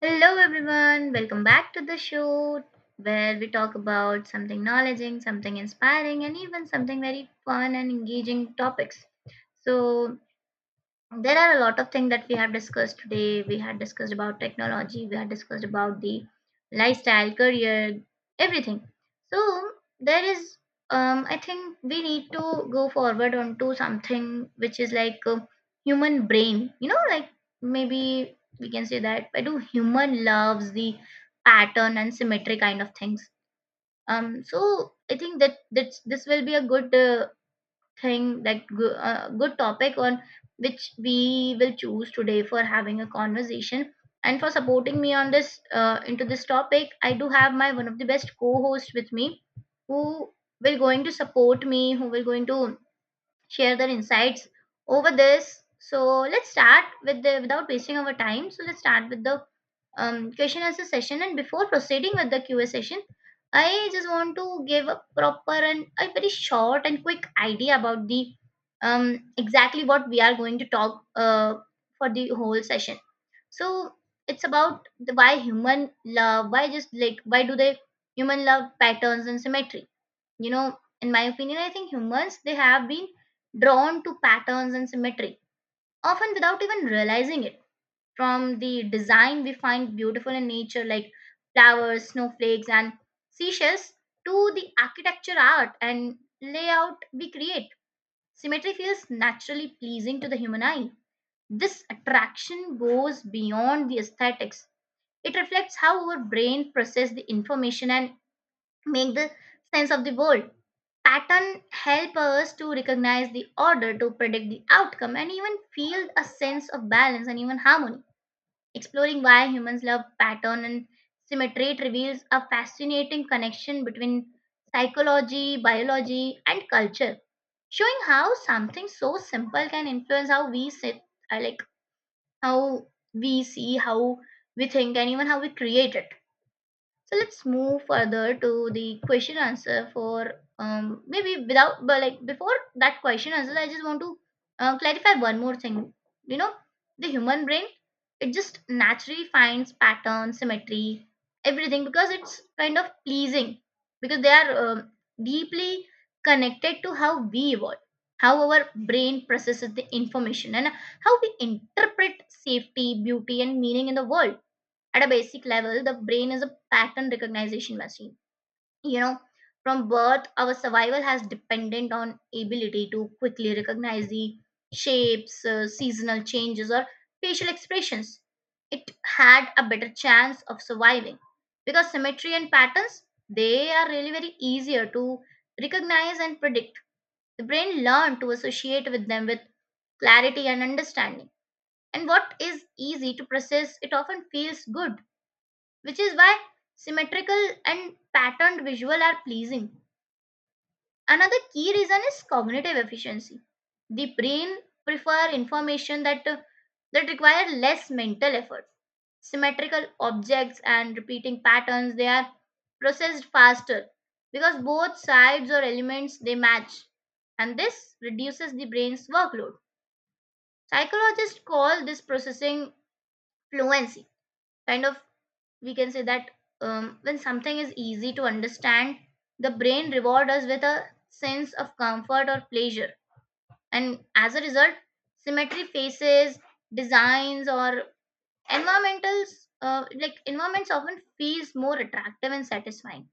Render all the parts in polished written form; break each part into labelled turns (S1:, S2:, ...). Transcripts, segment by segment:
S1: Hello, everyone. Welcome back to the show where we talk about something knowledgeing, something inspiring, and even something very fun and engaging topics. So, there are a lot of things that we have discussed today. We had discussed about technology, we had discussed about the lifestyle, career, everything. So there is, I think we need to go forward onto something which is like a human brain. You know, like maybe we can say that I do human loves the pattern and symmetry kind of things. So I think that this will be a good thing good topic on which we will choose today for having a conversation and for supporting me on this into this topic I do have my one of the best co host with me who will going to support me, who will going to share their insights over this. So let's start with the without wasting our time. So let's start with the question answer session. And before proceeding with the QA session, I just want to give a proper and a very short and quick idea about the exactly what we are going to talk for the whole session. So it's about the, why human love, why just like why do they human love patterns and symmetry. You know, in my opinion, I think humans they have been drawn to patterns and symmetry often without even realizing it, from the design we find beautiful in nature like flowers, snowflakes, and seashells to the architecture, art, and layout we create. Symmetry feels naturally pleasing to the human eye. This attraction goes beyond the aesthetics. It reflects how our brain processes the information and make the sense of the world. Pattern help us to recognize the order, to predict the outcome, and even feel a sense of balance and even harmony. Exploring why humans love pattern and symmetry, it reveals a fascinating connection between psychology, biology, and culture, showing how something so simple can influence how we sit, like how we see, how we think, and even how we create it. So let's move further to the question answer for maybe without but like before that question answer, I just want to clarify one more thing. You know, the human brain, it just naturally finds pattern, symmetry, everything because it's kind of pleasing, because they are deeply connected to how we evolve, how our brain processes the information, and how we interpret safety, beauty, and meaning in the world. At a basic level, the brain is a pattern recognition machine. You know, from birth, our survival has dependent on ability to quickly recognize the shapes, seasonal changes, or facial expressions. It had a better chance of surviving because symmetry and patterns, they are really very easier to recognize and predict. The brain learned to associate with them with clarity and understanding. And what is easy to process, it often feels good, which is why symmetrical and patterned visual are pleasing. Another key reason is cognitive efficiency. The brain prefer information that that require less mental effort. Symmetrical objects and repeating patterns, they are processed faster because both sides or elements they match, and this reduces the brain's workload. Psychologists call this processing fluency, kind of, we can say that when something is easy to understand, the brain rewards us with a sense of comfort or pleasure. And as a result, symmetry faces, designs, or environmentals, like environments often feels more attractive and satisfying.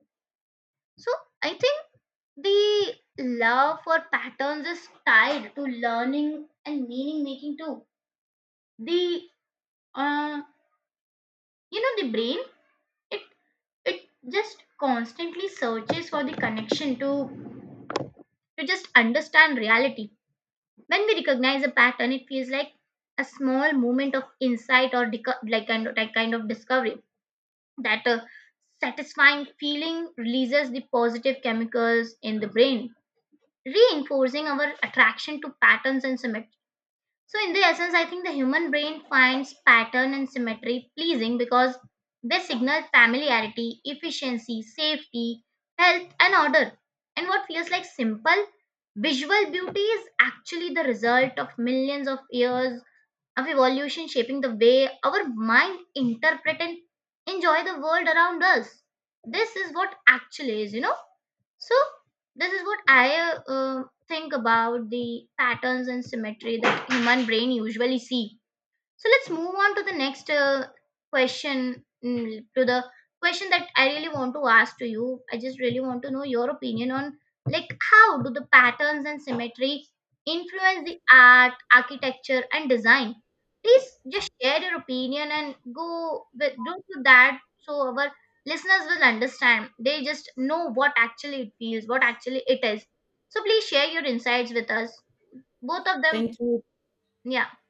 S1: So I think the love for patterns is tied to learning and meaning making too. The uh, you know the brain, it it just constantly searches for the connection to just understand reality. When we recognize a pattern, it feels like a small moment of insight like kind of discovery, that satisfying feeling releases the positive chemicals in the brain, reinforcing our attraction to patterns and symmetry. So, in the essence, I think the human brain finds pattern and symmetry pleasing because they signal familiarity, efficiency, safety, health, and order. And what feels like simple visual beauty is actually the result of millions of years of evolution shaping the way our mind interpret and enjoy the world around us. This is what actually is, you know, so this is what I uh, think about the patterns and symmetry that human brain usually see. So let's move on to the next question, to the question that I really want to ask to you. I just really want to know your opinion on like how do the patterns and symmetry influence the art, architecture, and design? Please just share your opinion and go with don't do that so our listeners will understand. They just know what actually it feels, what actually it is. So please share your insights with us. Both of them,
S2: Thank you.
S1: yeah.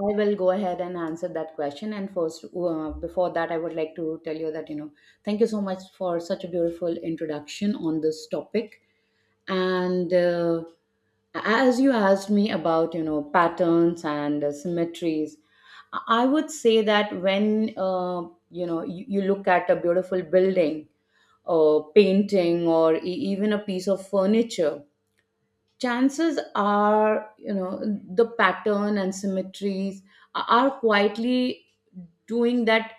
S2: I will go ahead and answer that question. And first, before that, I would like to tell you that, you know, thank you so much for such a beautiful introduction on this topic. And As you asked me about, you know, patterns and symmetries, I would say that when, you know, you look at a beautiful building, a painting, or even a piece of furniture, chances are, you know, the pattern and symmetries are quietly doing that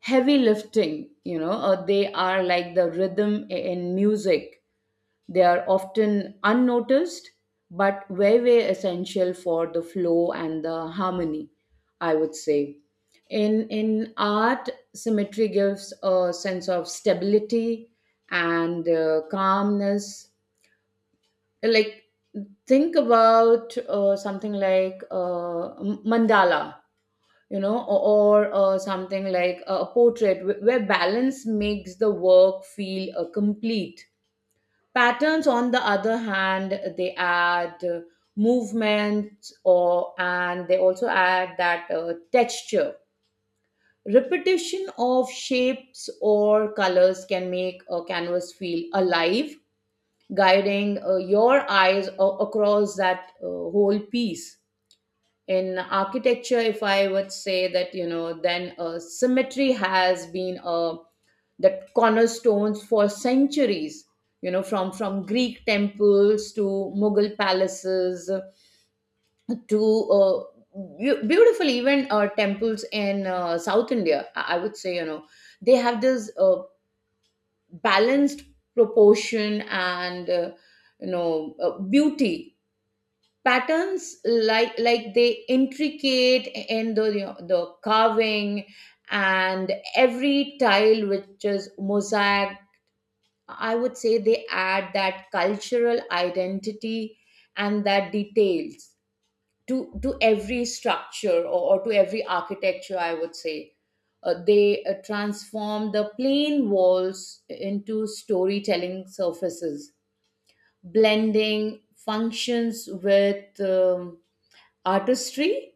S2: heavy lifting, you know. They are like the rhythm in music. They are often unnoticed but very essential for the flow and the harmony. I would say in art, symmetry gives a sense of stability and calmness. Like, think about something like mandala, you know, or something like a portrait where balance makes the work feel complete. Patterns, on the other hand, they add movement, or and they also add that texture. Repetition of shapes or colors can make a canvas feel alive, guiding your eyes across that whole piece. In architecture, if I would say that, you know, then symmetry has been the cornerstones for centuries. You know, from Greek temples to Mughal palaces to uh, beautiful even temples in South India. I would say, you know, they have this balanced proportion and you know, beauty. Patterns, like they intricate in the, you know, the carving, and every tile which is mosaic, I would say, they add that cultural identity and that details to every structure, or to every architecture, I would say. They transform the plain walls into storytelling surfaces, blending functions with artistry.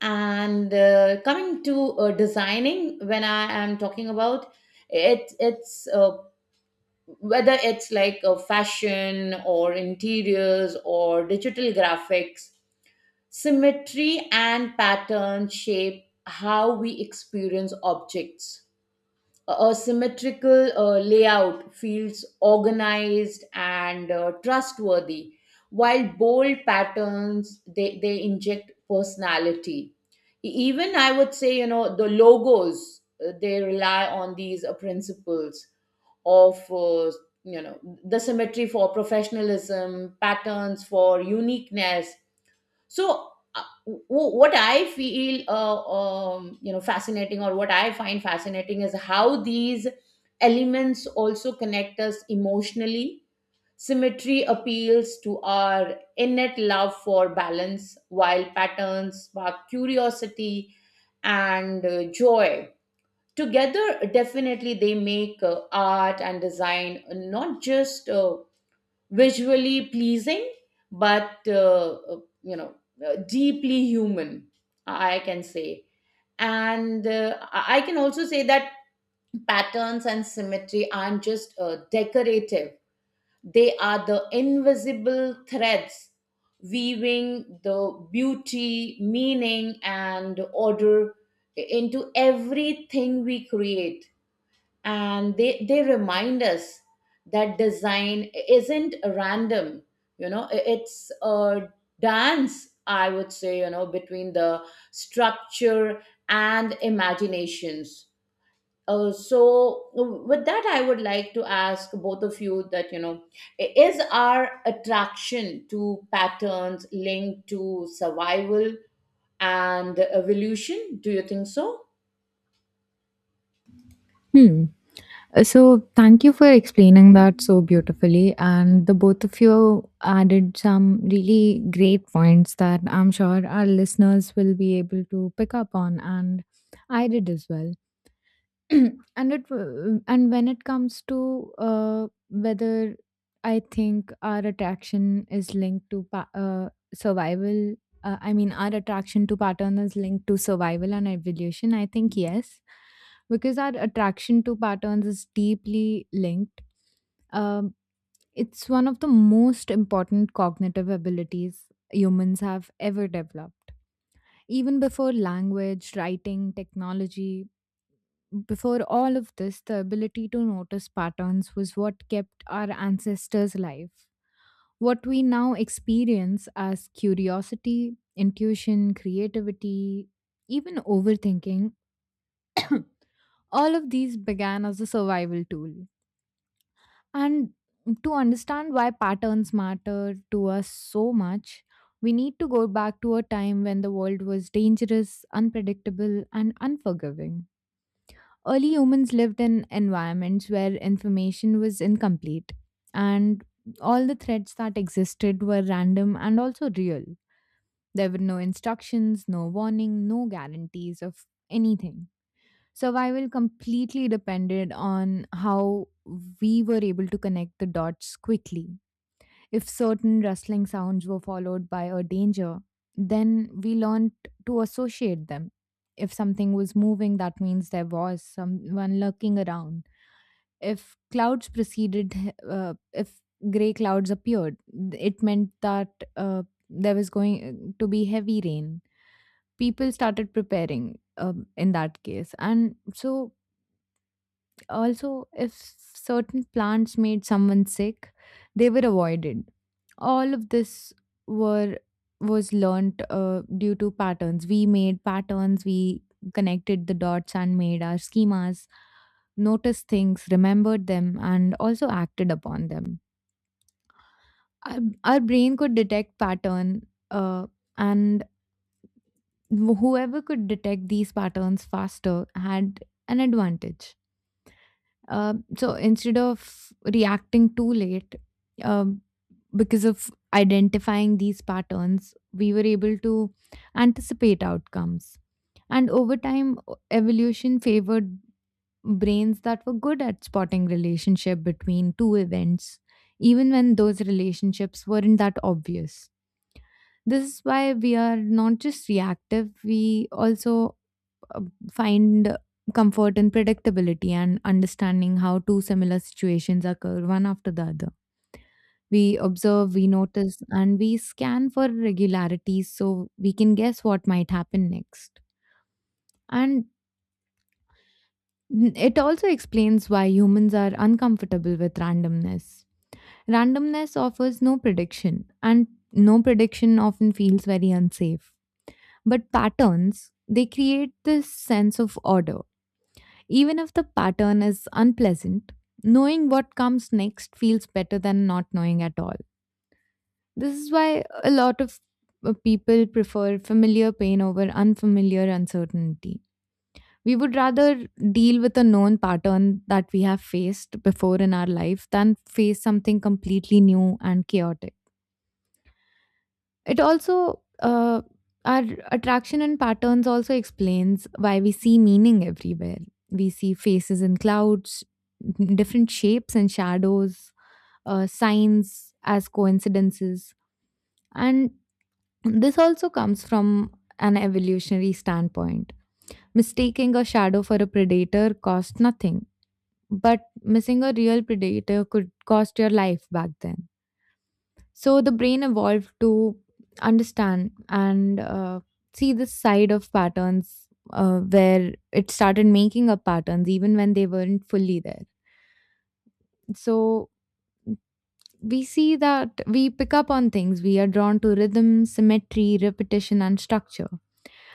S2: And coming to designing, when I am talking about it, it's whether it's like a fashion or interiors or digital graphics, symmetry and pattern shape how we experience objects. A symmetrical layout feels organized and trustworthy, while bold patterns, they inject personality. Even, I would say, you know, the logos, they rely on these principles of, you know, the symmetry for professionalism, patterns for uniqueness. So what I feel you know, fascinating, or what I find fascinating is how these elements also connect us emotionally. Symmetry appeals to our innate love for balance, while patterns spark curiosity and joy. Together, definitely, they make art and design not just visually pleasing, but you know, deeply human, I can say. And I can also say that patterns and symmetry aren't just decorative. They are the invisible threads weaving the beauty, meaning, and order into everything we create. And they remind us that design isn't random, you know, it's a dance, I would say, you know, between the structure and imaginations. So with that, I would like to ask both of you that, you know, is our attraction to patterns linked to survival and evolution? Do you think so?
S3: Hmm. So thank you for explaining that so beautifully. And the both of you added some really great points that I'm sure our listeners will be able to pick up on. And I did as well. And when it comes to whether I think our attraction is linked to survival, I mean our attraction to pattern is linked to survival and evolution. I think yes, because our attraction to patterns is deeply linked. Um, it's one of the most important cognitive abilities humans have ever developed even before language, writing, technology, before all of this, the ability to notice patterns was what kept our ancestors alive. What we now experience as curiosity, intuition, creativity, even overthinking, all of these began as a survival tool. And to understand why patterns matter to us so much, we need to go back to a time when the world was dangerous, unpredictable, and unforgiving. Early humans lived in environments where information was incomplete, and all the threats that existed were random and also real. There were no instructions, no warning, no guarantees of anything. Survival completely depended on how we were able to connect the dots quickly. If certain rustling sounds were followed by a danger, then we learned to associate them. If something was moving, that means there was someone lurking around. If clouds preceded, if gray clouds appeared, it meant that uh, there was going to be heavy rain. People started preparing in that case. And so, also, if certain plants made someone sick, they were avoided. All of this were was learnt due to patterns. We made patterns, we connected the dots and made our schemas, noticed things, remembered them and also acted upon them. our, our brain could detect pattern, uh, and whoever could detect these patterns faster had an advantage. So instead of reacting too late, um, because of identifying these patterns, we were able to anticipate outcomes. And over time, evolution favored brains that were good at spotting relationship between two events, even when those relationships weren't that obvious. This is why we are not just reactive, we also uh, find comfort in predictability and understanding how two similar situations occur one after the other. We observe, we notice, and we scan for regularities so we can guess what might happen next. And it also explains why humans are uncomfortable with randomness. Randomness offers no prediction, and no prediction often feels very unsafe. But patterns, they create this sense of order. Even if the pattern is unpleasant, knowing what comes next feels better than not knowing at all. This is why a lot of people prefer familiar pain over unfamiliar uncertainty. We would rather deal with a known pattern that we have faced before in our life than face something completely new and chaotic. It also our attraction and patterns also explains why we see meaning everywhere. We see faces in clouds, different shapes and shadows, signs as coincidences, and this also comes from an evolutionary standpoint. Mistaking a shadow for a predator cost nothing, but missing a real predator could cost your life back then. So the brain evolved to understand and see this side of patterns, where it started making up patterns even when they weren't fully there. So we see that we pick up on things. We are drawn to rhythm, symmetry, repetition, and structure.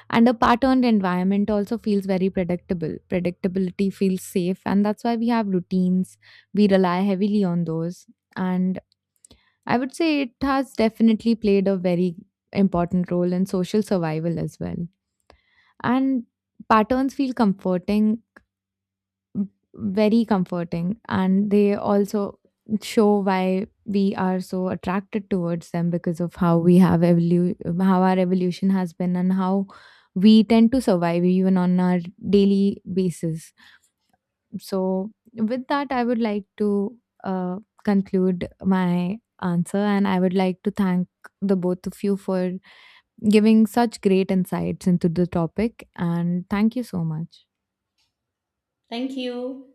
S3: And a patterned environment also feels very predictable. Predictability feels safe, and that's why we have routines. We rely heavily on those. And I would say it has definitely played a very important role in social survival as well. And patterns feel comforting, very comforting, and they also show why we are so attracted towards them because of how we have how our evolution has been and how we tend to survive even on our daily basis. So, with that, I would like to conclude my answer and I would like to thank the both of you for giving such great insights into the topic. And thank you so much.
S2: Thank you.